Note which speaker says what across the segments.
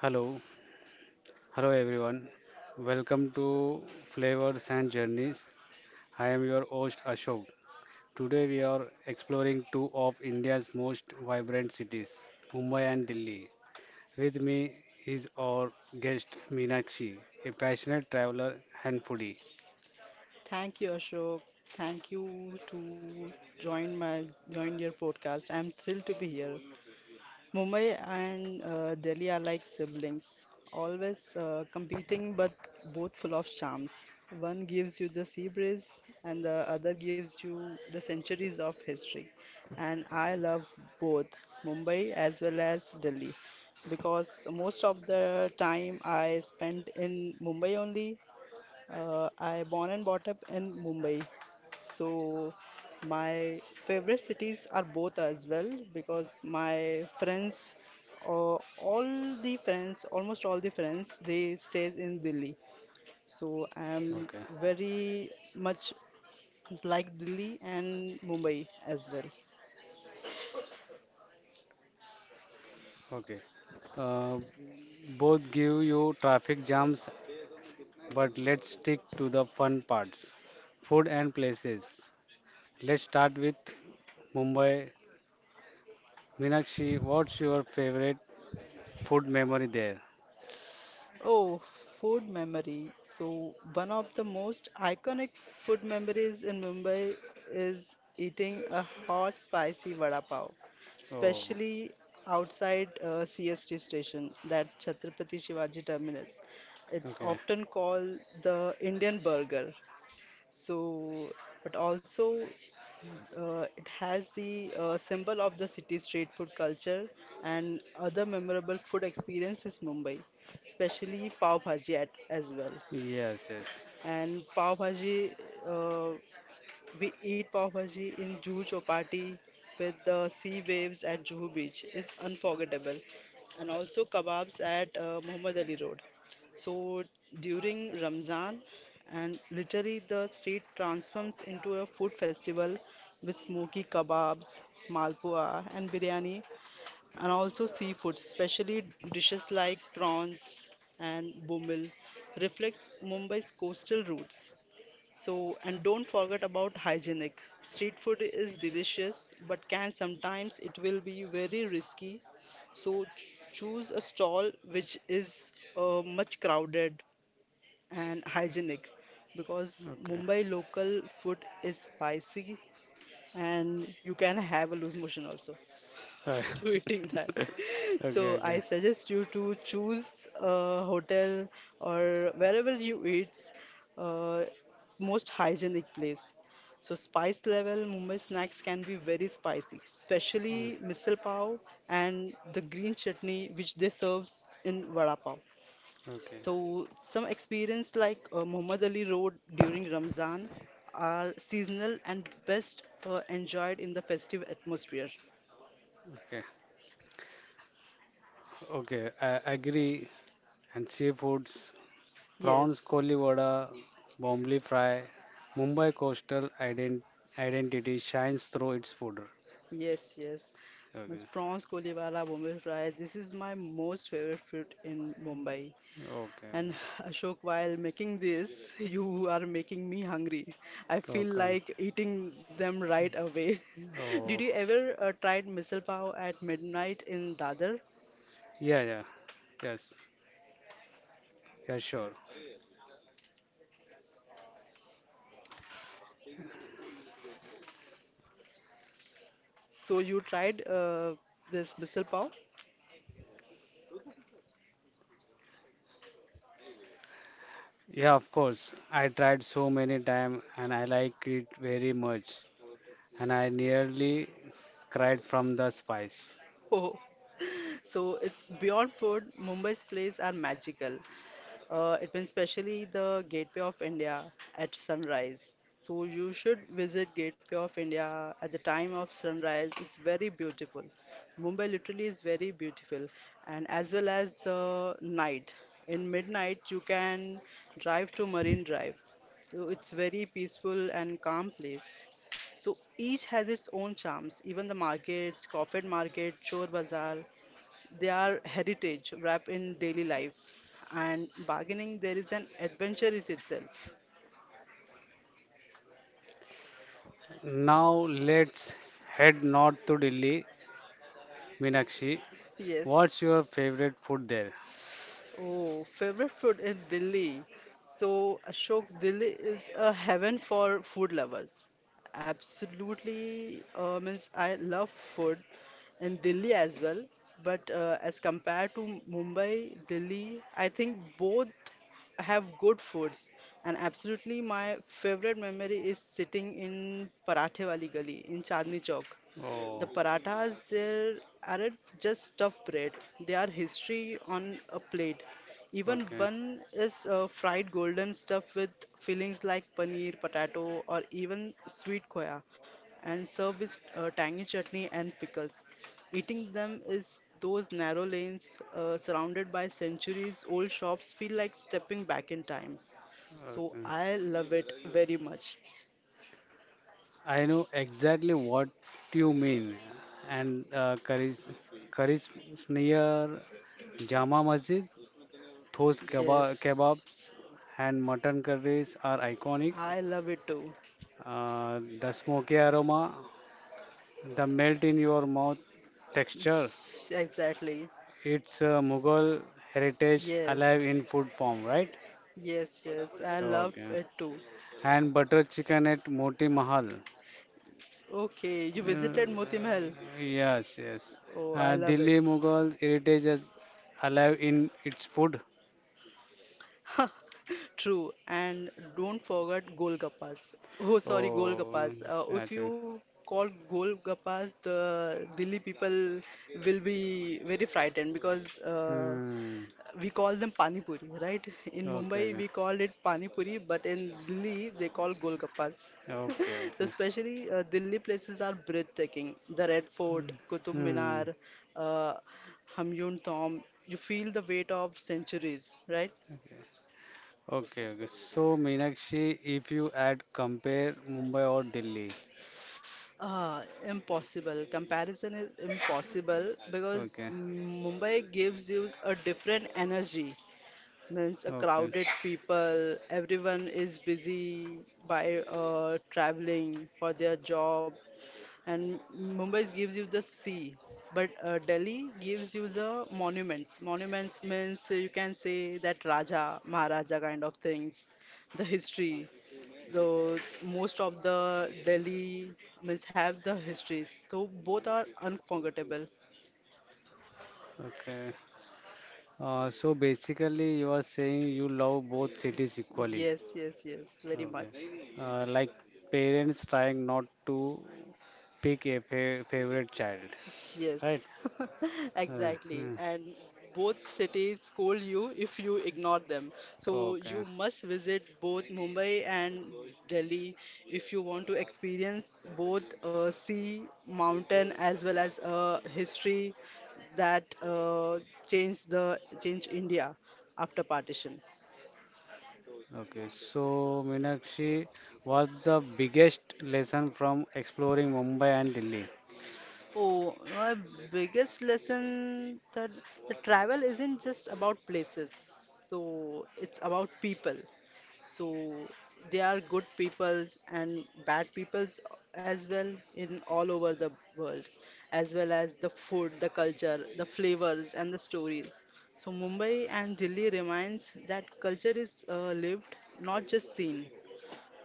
Speaker 1: Hello, hello everyone. Welcome to Flavors and Journeys. I am your host Ashok. Today we are exploring two of India's most vibrant cities, Mumbai and Delhi. With me is our guest Meenakshi, a passionate traveler and foodie.
Speaker 2: Thank you, Ashok. Thank you to join my Join your podcast. I'm thrilled to be here. Mumbai and Delhi are like siblings, always competing but both full of charms. One gives you the sea breeze, and the other gives you the centuries of history. And I love both Mumbai as well as Delhi because most of the time I spent in Mumbai only. I born and brought up in Mumbai, so my favorite cities are both as well because my friends, uh, almost all the friends, they stays in Delhi. So I am
Speaker 1: Okay,
Speaker 2: very much like Delhi and Mumbai as well.
Speaker 1: okay. Uh, both give you traffic jams, but let's stick to the fun parts food and places. Let's start with Mumbai Meenakshi, what's your favorite food memory there?
Speaker 2: Oh, food memory. So, one of the most iconic food memories in Mumbai is eating a hot, spicy vada pav,
Speaker 1: Oh,
Speaker 2: especially outside CST station, that Chhatrapati Shivaji terminus. It's
Speaker 1: okay.
Speaker 2: often called the Indian burger. So, but also it has the symbol of the city's street food culture and other memorable food experience is Mumbai, especially pav bhaji at, as well.
Speaker 1: Yes, yes.
Speaker 2: And pav bhaji, uh, we eat pav bhaji in Juhu Chowpatty with the sea waves at Juhu Beach. It's unforgettable. And also kebabs at Muhammad Ali Road. So during Ramzan, and literally the street transforms into a food festival with smoky kebabs, malpua, and biryani, and also seafood, especially dishes like prawns and bomil, reflects Mumbai's coastal roots. So, and don't forget about hygienic. Street food is delicious, but can sometimes it will be very risky. So choose a stall which is much crowded and hygienic because
Speaker 1: Okay.
Speaker 2: Mumbai local food is spicy, and you can have a loose motion also
Speaker 1: Alright.
Speaker 2: to eating that. So
Speaker 1: Okay,
Speaker 2: I
Speaker 1: okay.
Speaker 2: suggest you to choose a hotel or wherever you eat, uh, most hygienic place. So spice level, Mumbai snacks can be very spicy, especially
Speaker 1: Mm.
Speaker 2: misal pav and the green chutney which they serve in vada pav.
Speaker 1: Okay,
Speaker 2: So, some experience like Muhammad Ali Road during Ramzan are seasonal and best enjoyed in the festive atmosphere.
Speaker 1: okay. Okay, I agree. And seafoods, prawns,
Speaker 2: Yes,
Speaker 1: koli vada, bombay fry, Mumbai coastal identity shines through its food.
Speaker 2: yes, yes. Miss
Speaker 1: Okay,
Speaker 2: prawns koliwala bombay fry. This is my most favorite food in Mumbai. And
Speaker 1: okay,
Speaker 2: Ashok, while making this, you are making me hungry. I feel
Speaker 1: okay.
Speaker 2: like eating them right away. Did
Speaker 1: Oh,
Speaker 2: you ever tried misal pav at midnight in Dadar?
Speaker 1: yeah, yeah, yes, yeah, sure.
Speaker 2: So you tried this misal pav?
Speaker 1: Yeah, of course. I tried so many times and I like it very much. And I nearly cried from the spice.
Speaker 2: Oh. So it's beyond food. Mumbai's places are magical. It means especially the Gateway of India at sunrise. So you should visit Gateway of India at the time of sunrise. It's very beautiful. Mumbai literally is very beautiful, and as well as the night. In midnight, you can drive to Marine Drive. So it's very peaceful and calm place. So each has its own charms. Even the markets, Crawford Market, Chor Bazaar, they are heritage wrapped in daily life, and bargaining there is an adventure in itself.
Speaker 1: Now let's head north to Delhi. Meenakshi,
Speaker 2: Yes.
Speaker 1: what's your favorite food there?
Speaker 2: Oh, favorite food in Delhi. So, Ashok, Delhi is a heaven for food lovers. Absolutely, means I love food in Delhi as well. But as compared to Mumbai, Delhi, I think both have good foods. And absolutely, my favorite memory is sitting in Parathe Wali Gali in Chandni Chowk. The
Speaker 1: Oh,
Speaker 2: parathas there aren't just stuffed bread, they are history on a plate. Even
Speaker 1: okay,
Speaker 2: one is fried golden stuff with fillings like paneer, potato, or even sweet khoya, and served with tangy chutney and pickles. Eating them is those narrow lanes surrounded by centuries old shops feel like stepping back in time. So
Speaker 1: okay.
Speaker 2: I love it very much.
Speaker 1: I know exactly what you mean. And Karis, Karis Sneer, Jama Masjid, those
Speaker 2: Yes,
Speaker 1: kebabs and mutton curries are iconic.
Speaker 2: I love it too.
Speaker 1: The smoky aroma, the melt in your mouth texture.
Speaker 2: Yes, exactly.
Speaker 1: It's Mughal heritage
Speaker 2: Yes.
Speaker 1: alive in food form, right?
Speaker 2: Yes, yes. I love
Speaker 1: Okay.
Speaker 2: it too.
Speaker 1: And butter chicken at Moti Mahal.
Speaker 2: Okay, you
Speaker 1: Uh,
Speaker 2: visited Moti Mahal.
Speaker 1: yes, yes.
Speaker 2: Oh,
Speaker 1: Uh,
Speaker 2: I love it.
Speaker 1: Delhi Mughal heritage is alive in its food.
Speaker 2: True. And don't forget Golgappas. Oh, sorry,
Speaker 1: Oh,
Speaker 2: Golgappas. If
Speaker 1: that's it.
Speaker 2: you call Golgappas, the Delhi people will be very frightened because
Speaker 1: Hmm.
Speaker 2: we call them pani puri, right? In
Speaker 1: Okay,
Speaker 2: Mumbai,
Speaker 1: okay,
Speaker 2: we called it pani puri, but in Delhi, they call golgappas.
Speaker 1: okay,
Speaker 2: So
Speaker 1: okay.
Speaker 2: especially Delhi places are breathtaking. The Red Fort,
Speaker 1: Hmm.
Speaker 2: Qutub
Speaker 1: Hmm.
Speaker 2: Minar, uh, Hamyun Tomb. You feel the weight of centuries, right?
Speaker 1: Okay. Okay, okay. So, Meenakshi, if you add compare Mumbai or Delhi.
Speaker 2: Ah, impossible. Comparison is impossible because
Speaker 1: Okay,
Speaker 2: Mumbai gives you a different energy. Means a
Speaker 1: okay,
Speaker 2: crowded people everyone is busy by traveling for their job, and Mumbai gives you the sea, but Delhi gives you the monuments. Monuments means you can say that raja maharaja kind of things, the history, the most of the Delhi means have the histories. So both are unforgettable.
Speaker 1: okay. So basically, you are saying you love both cities equally.
Speaker 2: Yes, yes, yes, very
Speaker 1: Okay.
Speaker 2: much.
Speaker 1: Like parents trying not to pick a fa favorite child, right?
Speaker 2: Yes,
Speaker 1: Uh,
Speaker 2: exactly.
Speaker 1: uh,
Speaker 2: And both cities scold you if you ignore them. So
Speaker 1: okay,
Speaker 2: you must visit both Mumbai and Delhi if you want to experience both sea, mountain, as well as history that changed India after partition.
Speaker 1: okay. So, Meenakshi, what's the biggest lesson from exploring Mumbai and Delhi?
Speaker 2: Oh, my biggest lesson that the travel isn't just about places. So it's about people. So there are good peoples and bad peoples as well in all over the world, as well as the food, the culture, the flavors, and the stories. So Mumbai and Delhi reminds that culture is lived, not just seen.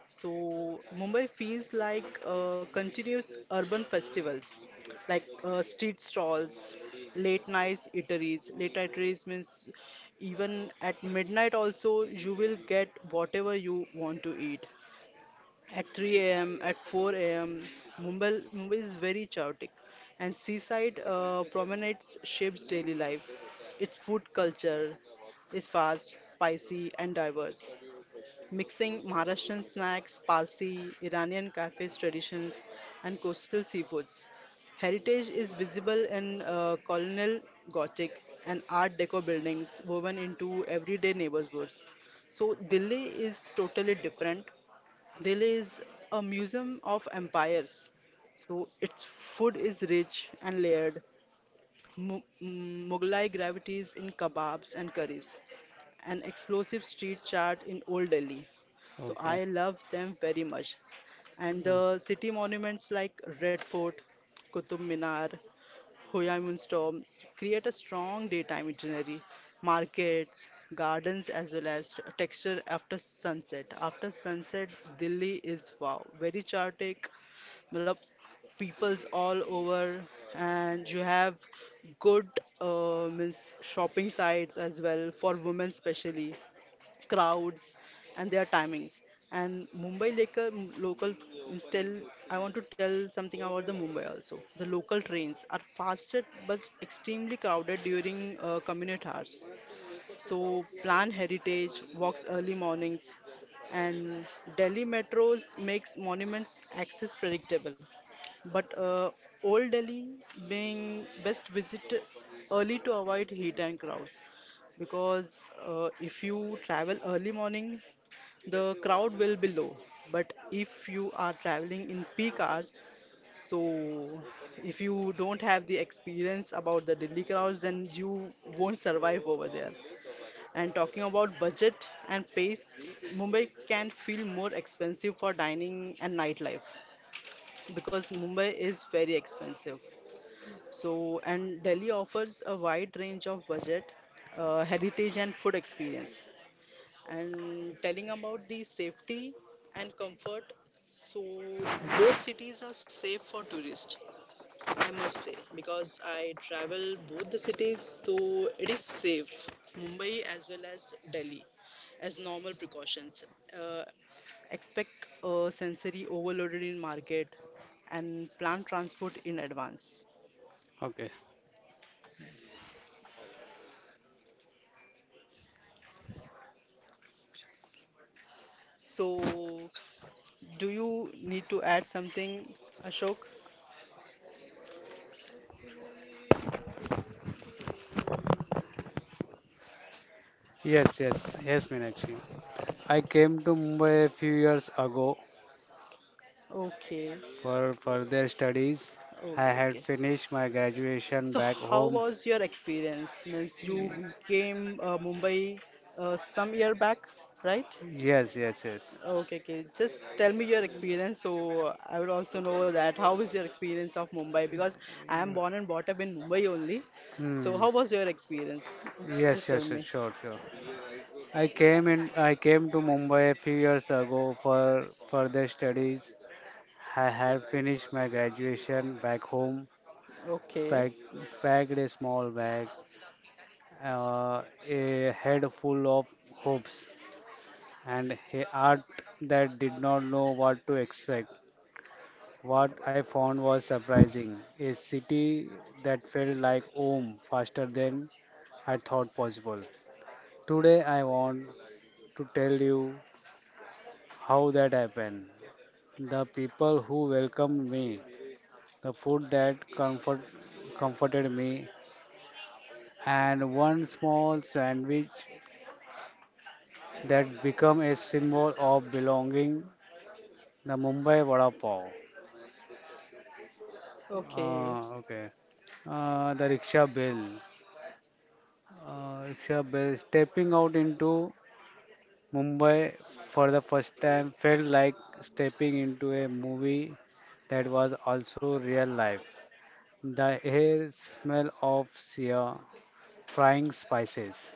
Speaker 2: So Mumbai feels like continuous urban festivals, like street stalls, late night eateries. Late night eateries means even at midnight also you will get whatever you want to eat. At 3 a.m., at 4 a.m., Mumbai is very chaotic, and seaside promenades shapes daily life. Its food culture is fast, spicy, and diverse mixing Maharashtrian snacks, Parsi, Iranian cafes traditions, and coastal seafoods. Heritage is visible in colonial Gothic and Art Deco buildings woven into everyday neighborhoods. So, Delhi is totally different. Delhi is a museum of empires. So, its food is rich and layered. Mughlai gravities in kebabs and curries an explosive street chart in Old Delhi. So
Speaker 1: Okay.
Speaker 2: I love them very much. And
Speaker 1: Mm.
Speaker 2: the city monuments like Red Fort, Qutub Minar, Hoyamun Storm create a strong daytime itinerary, markets, gardens, as well as texture after sunset. After sunset, Delhi is wow, very chaotic. मतलब peoples all over and you have good means shopping sites as well for women especially crowds and their timings. And Mumbai local means I want to tell something about the Mumbai also. The local trains are faster but extremely crowded during commute hours. So plan heritage walks early mornings, and Delhi metros makes monuments access predictable. But Old Delhi being best visit early to avoid heat and crowds because if you travel early morning, the crowd will be low. But if you are traveling in peak hours, so if you don't have the experience about the Delhi crowds, then you won't survive over there. And talking about budget and pace, Mumbai can feel more expensive for dining and nightlife because Mumbai is very expensive. So, and Delhi offers a wide range of budget, heritage, and food experience. And telling about the safety and comfort, so both cities are safe for tourists, I must say, because I travel both the cities, so it is safe, Mumbai as well as Delhi, as normal precautions. Uh, Expect a sensory overloaded in market and plan transport in advance.
Speaker 1: Okay.
Speaker 2: So, do you need to add something, Ashok?
Speaker 1: Yes, yes, yes, Meenakshi. I came to Mumbai a few years ago
Speaker 2: Okay,
Speaker 1: for further studies. I
Speaker 2: okay,
Speaker 1: had
Speaker 2: okay.
Speaker 1: finished my graduation
Speaker 2: So,
Speaker 1: back
Speaker 2: how
Speaker 1: home.
Speaker 2: was your experience? Means you came Mumbai some year back, right?
Speaker 1: Yes, yes, yes.
Speaker 2: Okay, okay. Just tell me your experience so I would also know that how is your experience of Mumbai because I am born and brought up in Mumbai only. So
Speaker 1: Hmm.
Speaker 2: how was your experience?
Speaker 1: Yes,
Speaker 2: Just tell
Speaker 1: yes, yes,
Speaker 2: me.
Speaker 1: sure, sure. I came in. I came to Mumbai a few years ago for further studies. I had finished my graduation back home.
Speaker 2: Okay.
Speaker 1: Pack, packed a small bag, uh, a head full of hopes, and a art that did not know what to expect. What I found was surprising a city that felt like home faster than I thought possible. Today, I want to tell you how that happened. The people who welcomed me, the comforted me, and one small sandwich that became a symbol of belonging the Mumbai Vada Pav.
Speaker 2: Okay.
Speaker 1: Okay. The rickshaw bell. Rickshaw bell. Stepping out into Mumbai for the first time felt like stepping into a movie that was also real life. The air smell of sear, frying spices.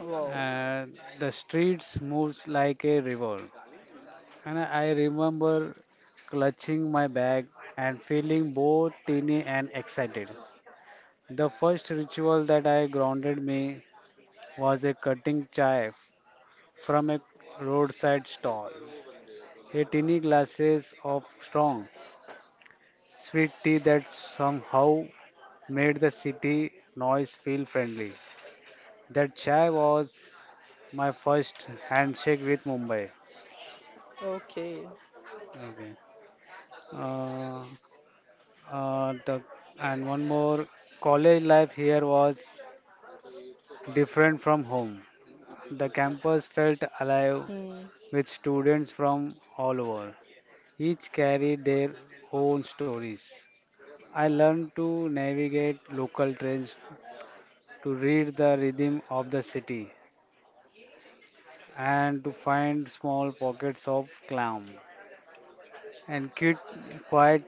Speaker 2: Wow.
Speaker 1: And the streets moves like a river. And I remember clutching my bag and feeling both teeny and excited. The first ritual that I grounded me was a cutting chai from a roadside stall. A tiny glasses of strong, sweet tea that somehow made the city noise feel friendly. That chai was my first handshake with Mumbai.
Speaker 2: Okay.
Speaker 1: Okay. Uh, the, and one more, College life here was different from home. The campus felt alive
Speaker 2: Hmm.
Speaker 1: with students from all over. Each carried their own stories. I learned to navigate local trains, to read the rhythm of the city, and to find small pockets of calm and cute, quiet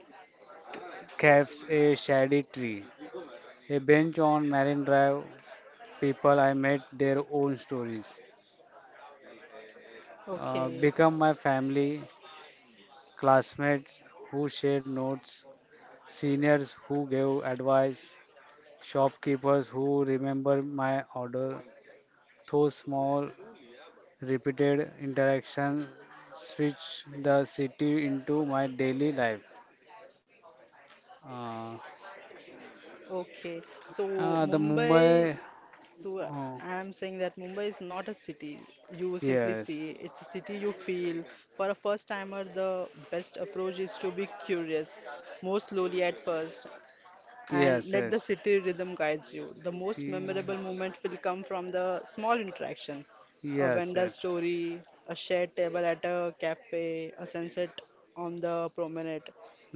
Speaker 1: cafes, a shady tree, a bench on Marine Drive. People I met their own stories,
Speaker 2: Okay.
Speaker 1: become my family, classmates who shared notes, seniors who gave advice, shopkeepers who remember my order. Those small, repeated interactions switched the city into my daily life. Uh,
Speaker 2: Okay. So
Speaker 1: uh, the
Speaker 2: Mumbai.
Speaker 1: Mumbai,
Speaker 2: So
Speaker 1: oh,
Speaker 2: I'm saying that Mumbai is not a city you simply
Speaker 1: yes,
Speaker 2: see. It's a city you feel. For a first timer, the best approach is to be curious, more slowly at first, and
Speaker 1: yes,
Speaker 2: let the
Speaker 1: yes,
Speaker 2: city rhythm guides you. The most
Speaker 1: ye-
Speaker 2: memorable moment will come from the small interaction a
Speaker 1: yes,
Speaker 2: vendor
Speaker 1: yes,
Speaker 2: story, a shared table at a cafe, a sunset on the promenade.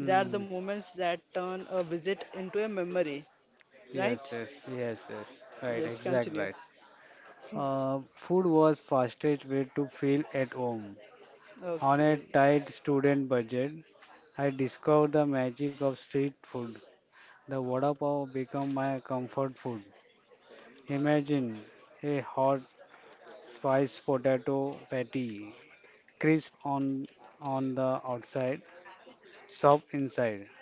Speaker 2: They are the moments that turn a visit into a memory,
Speaker 1: yes,
Speaker 2: right?
Speaker 1: yes, yes, yes, right,
Speaker 2: Yes,
Speaker 1: exact,
Speaker 2: continue.
Speaker 1: right. Food was fastest way to feel at home. On a
Speaker 2: Okay,
Speaker 1: tight student budget, I discovered the magic of street food. The vada pav become my comfort food. Imagine a hot spiced potato patty, crisp on the outside, soft inside,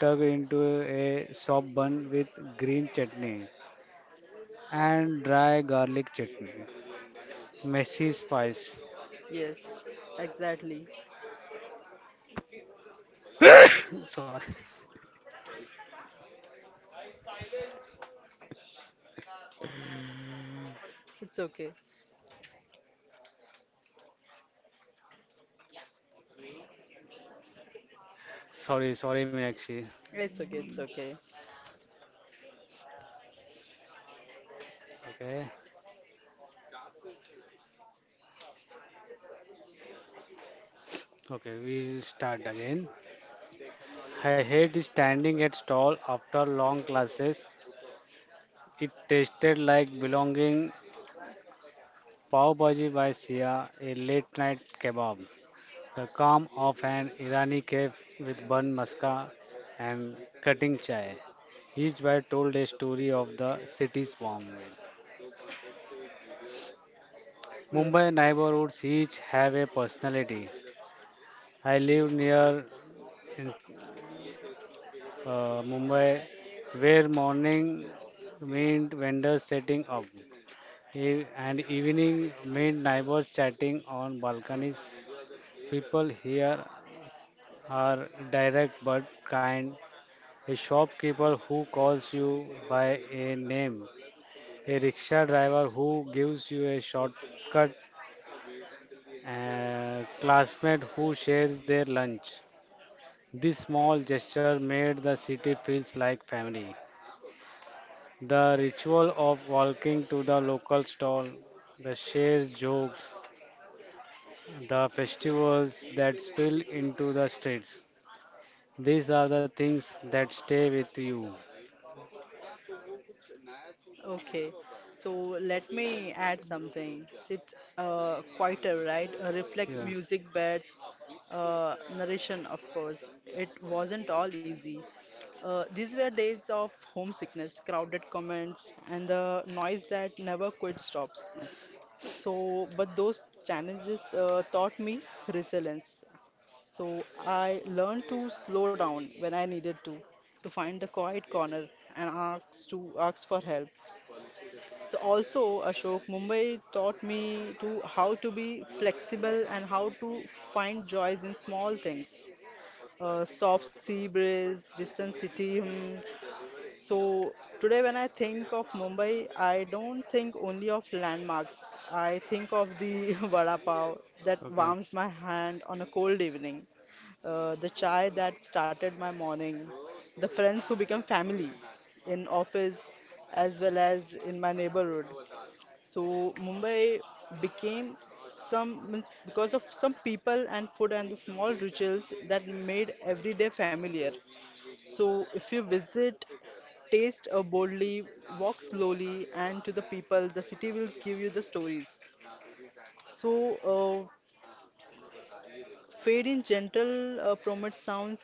Speaker 1: tucked into a soft bun with green chutney and dry garlic chutney. Messy spice.
Speaker 2: yes, exactly.
Speaker 1: sorry,
Speaker 2: It's okay.
Speaker 1: sorry, Meenakshi.
Speaker 2: It's okay, it's okay.
Speaker 1: Okay, okay, we'll start again. I hate standing at stall after long classes. It tasted like belonging Pav Bhaji by Sia, a late night kebab. The calm of an Irani cafe with bun maska and cutting chai. Each bite told a story of the city's warm way.
Speaker 2: Yes.
Speaker 1: Mumbai neighborhoods each have a personality. I live near in, Mumbai where morning meant vendors setting up and evening meant neighbors chatting on balconies. People here are direct but kind. A shopkeeper who calls you by a name. A rickshaw driver who gives you a shortcut. A classmate who shares their lunch. This small gesture made the city feels like family. The ritual of walking to the local stall, the shared jokes, the festivals that spill into the streets. These are the things that stay with you.
Speaker 2: Okay, so let me add something. It's quieter, right? A reflect
Speaker 1: Yeah.
Speaker 2: music beds, narration, of course. It wasn't all easy. These were days of homesickness, crowded comments, and the noise that never quite stops. So, but those challenges taught me resilience. So I learned to slow down when I needed to find the quiet corner and ask for help. So also, Ashok, Mumbai taught me to how to be flexible and how to find joys in small things. Soft sea breeze, distant city hum. So today, when I think of Mumbai, I don't think only of landmarks. I think of the vada pav that
Speaker 1: Okay.
Speaker 2: warms my hand on a cold evening, the chai that started my morning, the friends who become family in office as well as in my neighborhood. So Mumbai became some means because of some people and food and the small rituals that made everyday familiar. So if you visit, taste boldly, walk slowly, and to the people, the city will give you the stories. So fade in gentle promote sounds.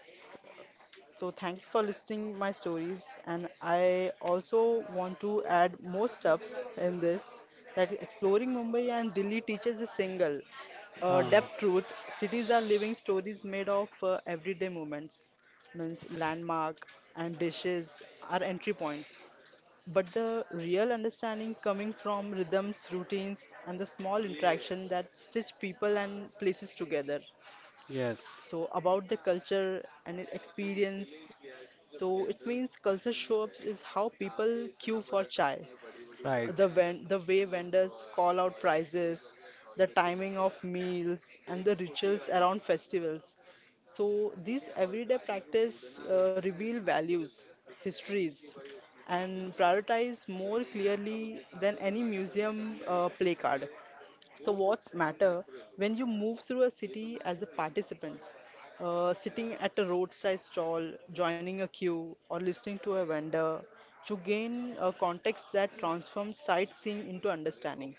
Speaker 2: So thank you for listening my stories, and I also want to add more stuffs in this, that exploring Mumbai and Delhi teaches a single
Speaker 1: Ah,
Speaker 2: depth truth. Cities are living stories made of everyday moments means landmark and dishes are entry points, but the real understanding coming from rhythms routines and the small interaction that stitch people and places together.
Speaker 1: yes,
Speaker 2: So about the culture and its experience. So it means culture show-ups is how people queue for chai,
Speaker 1: right.
Speaker 2: the way vendors call out prices, the timing of meals, and the rituals around festivals. So these everyday practice reveal values, histories, and prioritize more clearly than any museum play card. So what's matter when you move through a city as a participant, sitting at a roadside stall, joining a queue, or listening to a vendor, you gain a context that transforms sightseeing into understanding.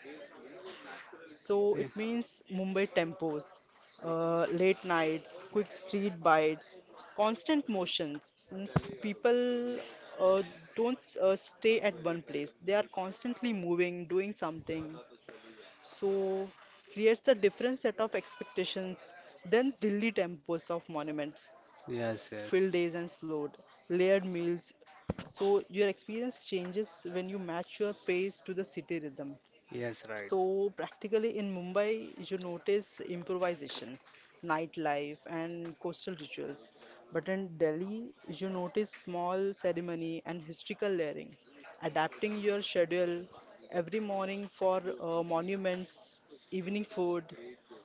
Speaker 2: So it
Speaker 1: Ye-
Speaker 2: means Mumbai tempos, late nights, quick street bites, constant motions. Means people uh, don't stay at one place; they are constantly moving, doing something, so creates a different set of expectations than Delhi tempos of monuments,
Speaker 1: Yes, yes,
Speaker 2: field days, and slowed, layered meals. So your experience changes when you match your pace to the city rhythm.
Speaker 1: yes, right.
Speaker 2: So practically in Mumbai, you notice improvisation, nightlife, and coastal rituals. But in Delhi, you notice small ceremony and historical layering, adapting your schedule every morning for monuments, evening food,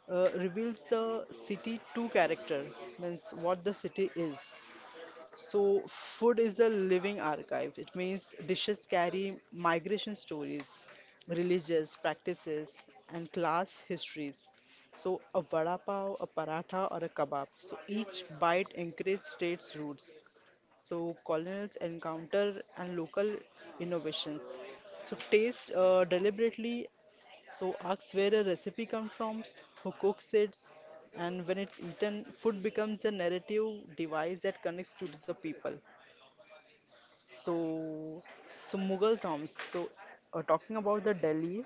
Speaker 2: reveals the city to character, means what the city is. So food is a living archive. It means dishes carry migration stories, religious practices, and class histories. So a vada pav, a paratha, or a kebab. So each bite encourages states' roots. So colonials encounter and local innovations. So taste deliberately. So asks where a recipe comes from, who cooks it, and when it's eaten, food becomes a narrative device that connects to the people. So, so Mughal tombs. So talking about the Delhi,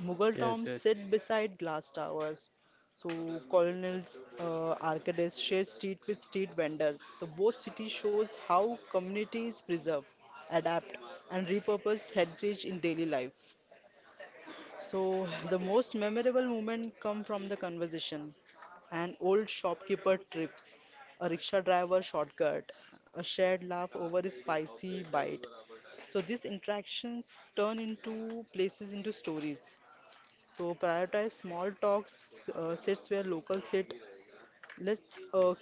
Speaker 2: Mughal
Speaker 1: Yes,
Speaker 2: tombs
Speaker 1: yes.
Speaker 2: sit beside glass towers. So colonials, arcades share street with street vendors. So both cities shows how communities preserve, adapt, and repurpose heritage in daily life. So the most memorable moment come from the conversation. An old shopkeeper trips, a rickshaw driver shortcut, a shared laugh over a spicy bite, so these interactions turn into places into stories. So prioritize small talks, sits where locals sit, less uh,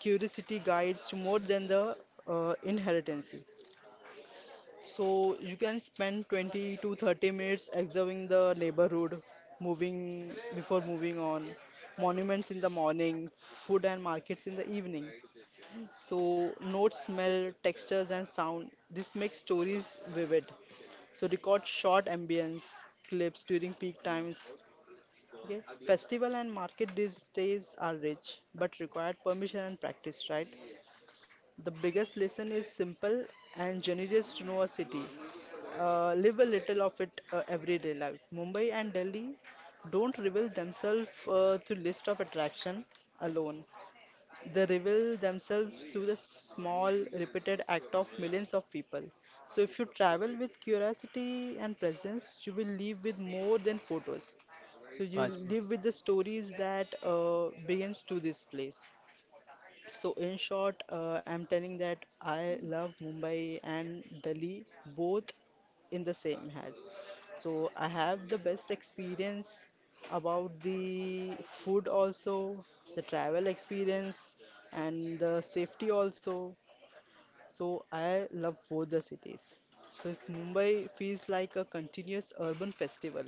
Speaker 2: curiosity guides to more than the inheritance. So you can spend 20 to 30 minutes observing the neighborhood, moving before moving on, monuments in the morning, food and markets in the evening. So notes, smell, textures, and sound. This makes stories vivid. So record short ambience clips during peak times. Okay. Festival and market these days are rich, but required permission and practice, right? The biggest lesson is simple and generous to know a city. Live a little of it everyday life. Mumbai and Delhi don't reveal themselves to list of attraction alone. They reveal themselves through the small, repeated act of millions of people. So if you travel with curiosity and presence, you will leave with more than photos. So you
Speaker 1: But
Speaker 2: live with the stories that begins to this place. So in short, I'm telling that I love Mumbai and Delhi both in the same has. So I have the best experience about the food also, the travel experience, and the safety also. So I love both the cities. So it's Mumbai feels like a continuous urban festival,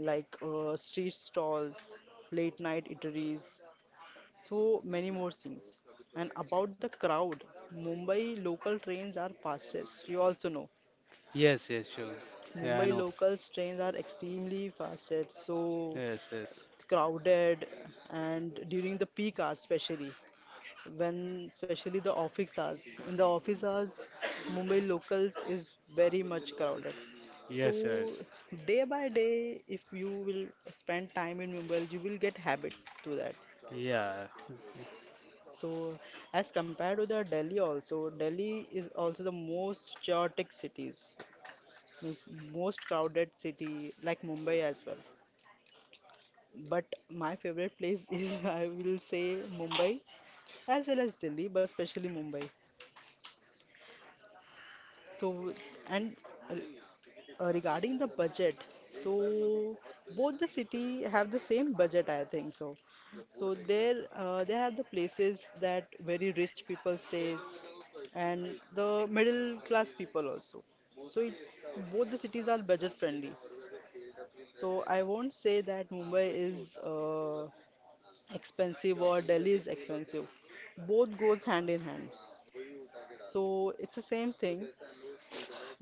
Speaker 2: like street stalls, late night eateries, so many more things. And about the crowd, Mumbai local trains are fastest. You also know
Speaker 1: yes, yes, sure. Yeah, I
Speaker 2: Mumbai
Speaker 1: know.
Speaker 2: locals trains are extremely fastest, so
Speaker 1: Yes, yes,
Speaker 2: crowded, and during the peak hours, especially when especially the office hours. In the office hours, Mumbai locals is very much crowded. So
Speaker 1: yes, yes.
Speaker 2: day by day, if you will spend time in Mumbai, you will get habit to that.
Speaker 1: Yeah.
Speaker 2: So as compared to the Delhi also, Delhi is also the most chaotic cities, means most crowded city like Mumbai as well. But my favorite place is I will say Mumbai as well as Delhi, but especially Mumbai. So and regarding the budget, so both the city have the same budget, I think so. So there are the places that very rich people stays, and the middle class people also. So it's both the cities are budget friendly. So I won't say that Mumbai is expensive or Delhi is expensive. Both goes hand in hand. So it's the same thing.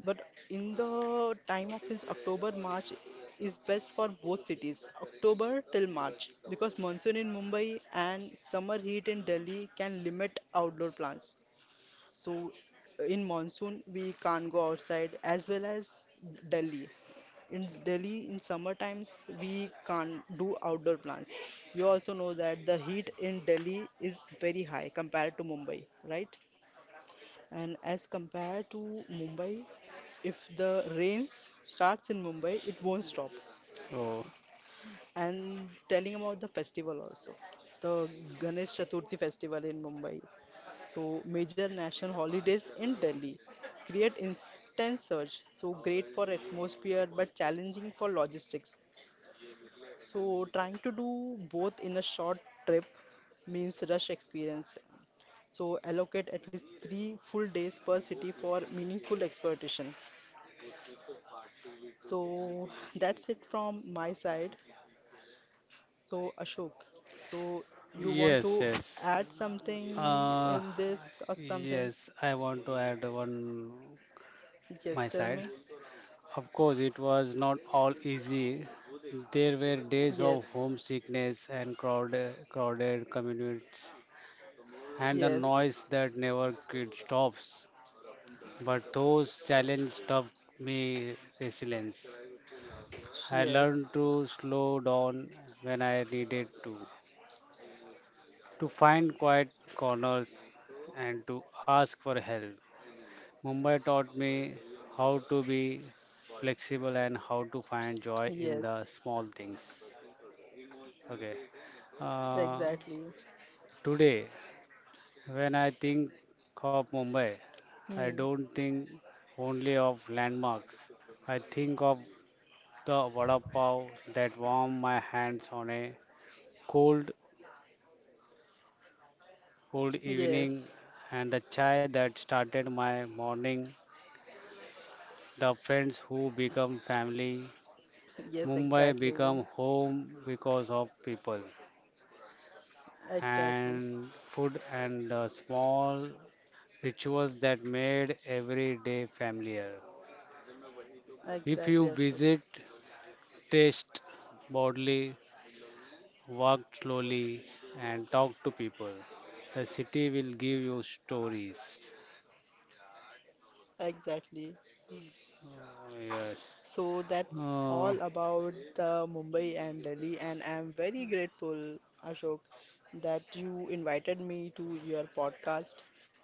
Speaker 2: But in the time of this October March is best for both cities. October till March, because monsoon in Mumbai and summer heat in Delhi can limit outdoor plans. So in monsoon we can't go outside as well as Delhi. In Delhi in summer times we can't do outdoor plans. You also know that the heat in Delhi is very high compared to Mumbai, right? And as compared to Mumbai, if the rains starts in Mumbai, it won't stop.
Speaker 1: Oh,
Speaker 2: And telling about the festival also, the Ganesh Chaturthi festival in Mumbai. So major national holidays in Delhi create instant surge. So great for atmosphere but challenging for logistics. So trying to do both in a short trip means rush experience. So allocate at least three full days per city for meaningful exploitation. So that's it from my side. So Ashok, so you want
Speaker 1: yes,
Speaker 2: to
Speaker 1: yes.
Speaker 2: add something
Speaker 1: Uh,
Speaker 2: in this or something?
Speaker 1: yes, I want to add one
Speaker 2: Yes,
Speaker 1: my
Speaker 2: tell
Speaker 1: side.
Speaker 2: me.
Speaker 1: Of course, it was not all easy. There were days
Speaker 2: Yes,
Speaker 1: of homesickness and crowded communities, and the
Speaker 2: yes,
Speaker 1: noise that never quit stops. But those challenges taught me resilience. I
Speaker 2: yes,
Speaker 1: learned to slow down when I needed to find quiet corners and to ask for help. Mumbai taught me how to be flexible and how to find joy in the
Speaker 2: yes,
Speaker 1: small things. Okay. Uh,
Speaker 2: exactly.
Speaker 1: today, when I think of Mumbai, I
Speaker 2: Hmm.
Speaker 1: don't think only of landmarks. I think of the vada pav that warmed my hands on a cold, cold evening,
Speaker 2: Yes,
Speaker 1: and the chai that started my morning, the friends who become family.
Speaker 2: yes,
Speaker 1: Mumbai
Speaker 2: exactly,
Speaker 1: become home because of people
Speaker 2: exactly,
Speaker 1: and food and the small rituals that made every day familiar. If
Speaker 2: exactly,
Speaker 1: you
Speaker 2: Ashok,
Speaker 1: visit, taste bodily, walk slowly, and talk to people. The city will give you stories.
Speaker 2: exactly.
Speaker 1: Oh, yes.
Speaker 2: So that's
Speaker 1: Oh,
Speaker 2: all about the Mumbai and Delhi, and I'm very grateful, Ashok, that you invited me to your podcast.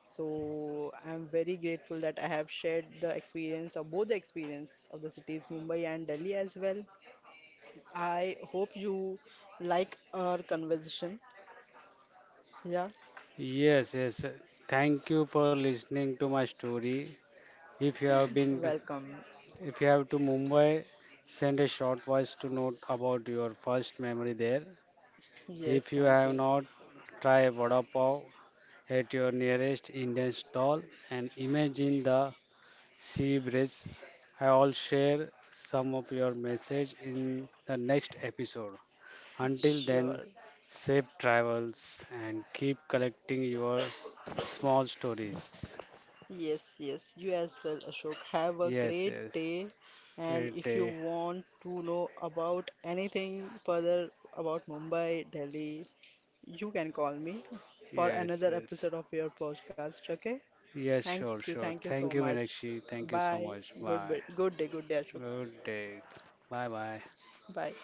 Speaker 2: So I'm very grateful that I have shared the experience of both the experience of the cities Mumbai and Delhi as well. I hope you like our conversation. Yeah,
Speaker 1: yes, yes. Thank you for listening to my story. If you have been,
Speaker 2: welcome.
Speaker 1: if you have to Mumbai, send a short voice to note about your first memory there.
Speaker 2: Yes,
Speaker 1: If you
Speaker 2: thank
Speaker 1: have
Speaker 2: you.
Speaker 1: not, try a vada pav at your nearest Indian stall and imagine the See, Brace, I'll share some of your message in the next episode. Until then,
Speaker 2: Sure.
Speaker 1: safe travels and keep collecting your small stories.
Speaker 2: Yes, yes, you as well, Ashok. Have a
Speaker 1: Yes,
Speaker 2: great
Speaker 1: yes.
Speaker 2: day. And
Speaker 1: Great
Speaker 2: if you
Speaker 1: day.
Speaker 2: want to know about anything further about Mumbai, Delhi, you can call me for
Speaker 1: Yes,
Speaker 2: another
Speaker 1: yes.
Speaker 2: episode of your podcast. Okay?
Speaker 1: Yes, sure, sure.
Speaker 2: Thank you
Speaker 1: Thank
Speaker 2: so
Speaker 1: you,
Speaker 2: much.
Speaker 1: Meenakshi. Thank you so
Speaker 2: Bye.
Speaker 1: much.
Speaker 2: Good,
Speaker 1: Bye.
Speaker 2: good day, good day, Ashok.
Speaker 1: Good day. Bye bye.
Speaker 2: Bye.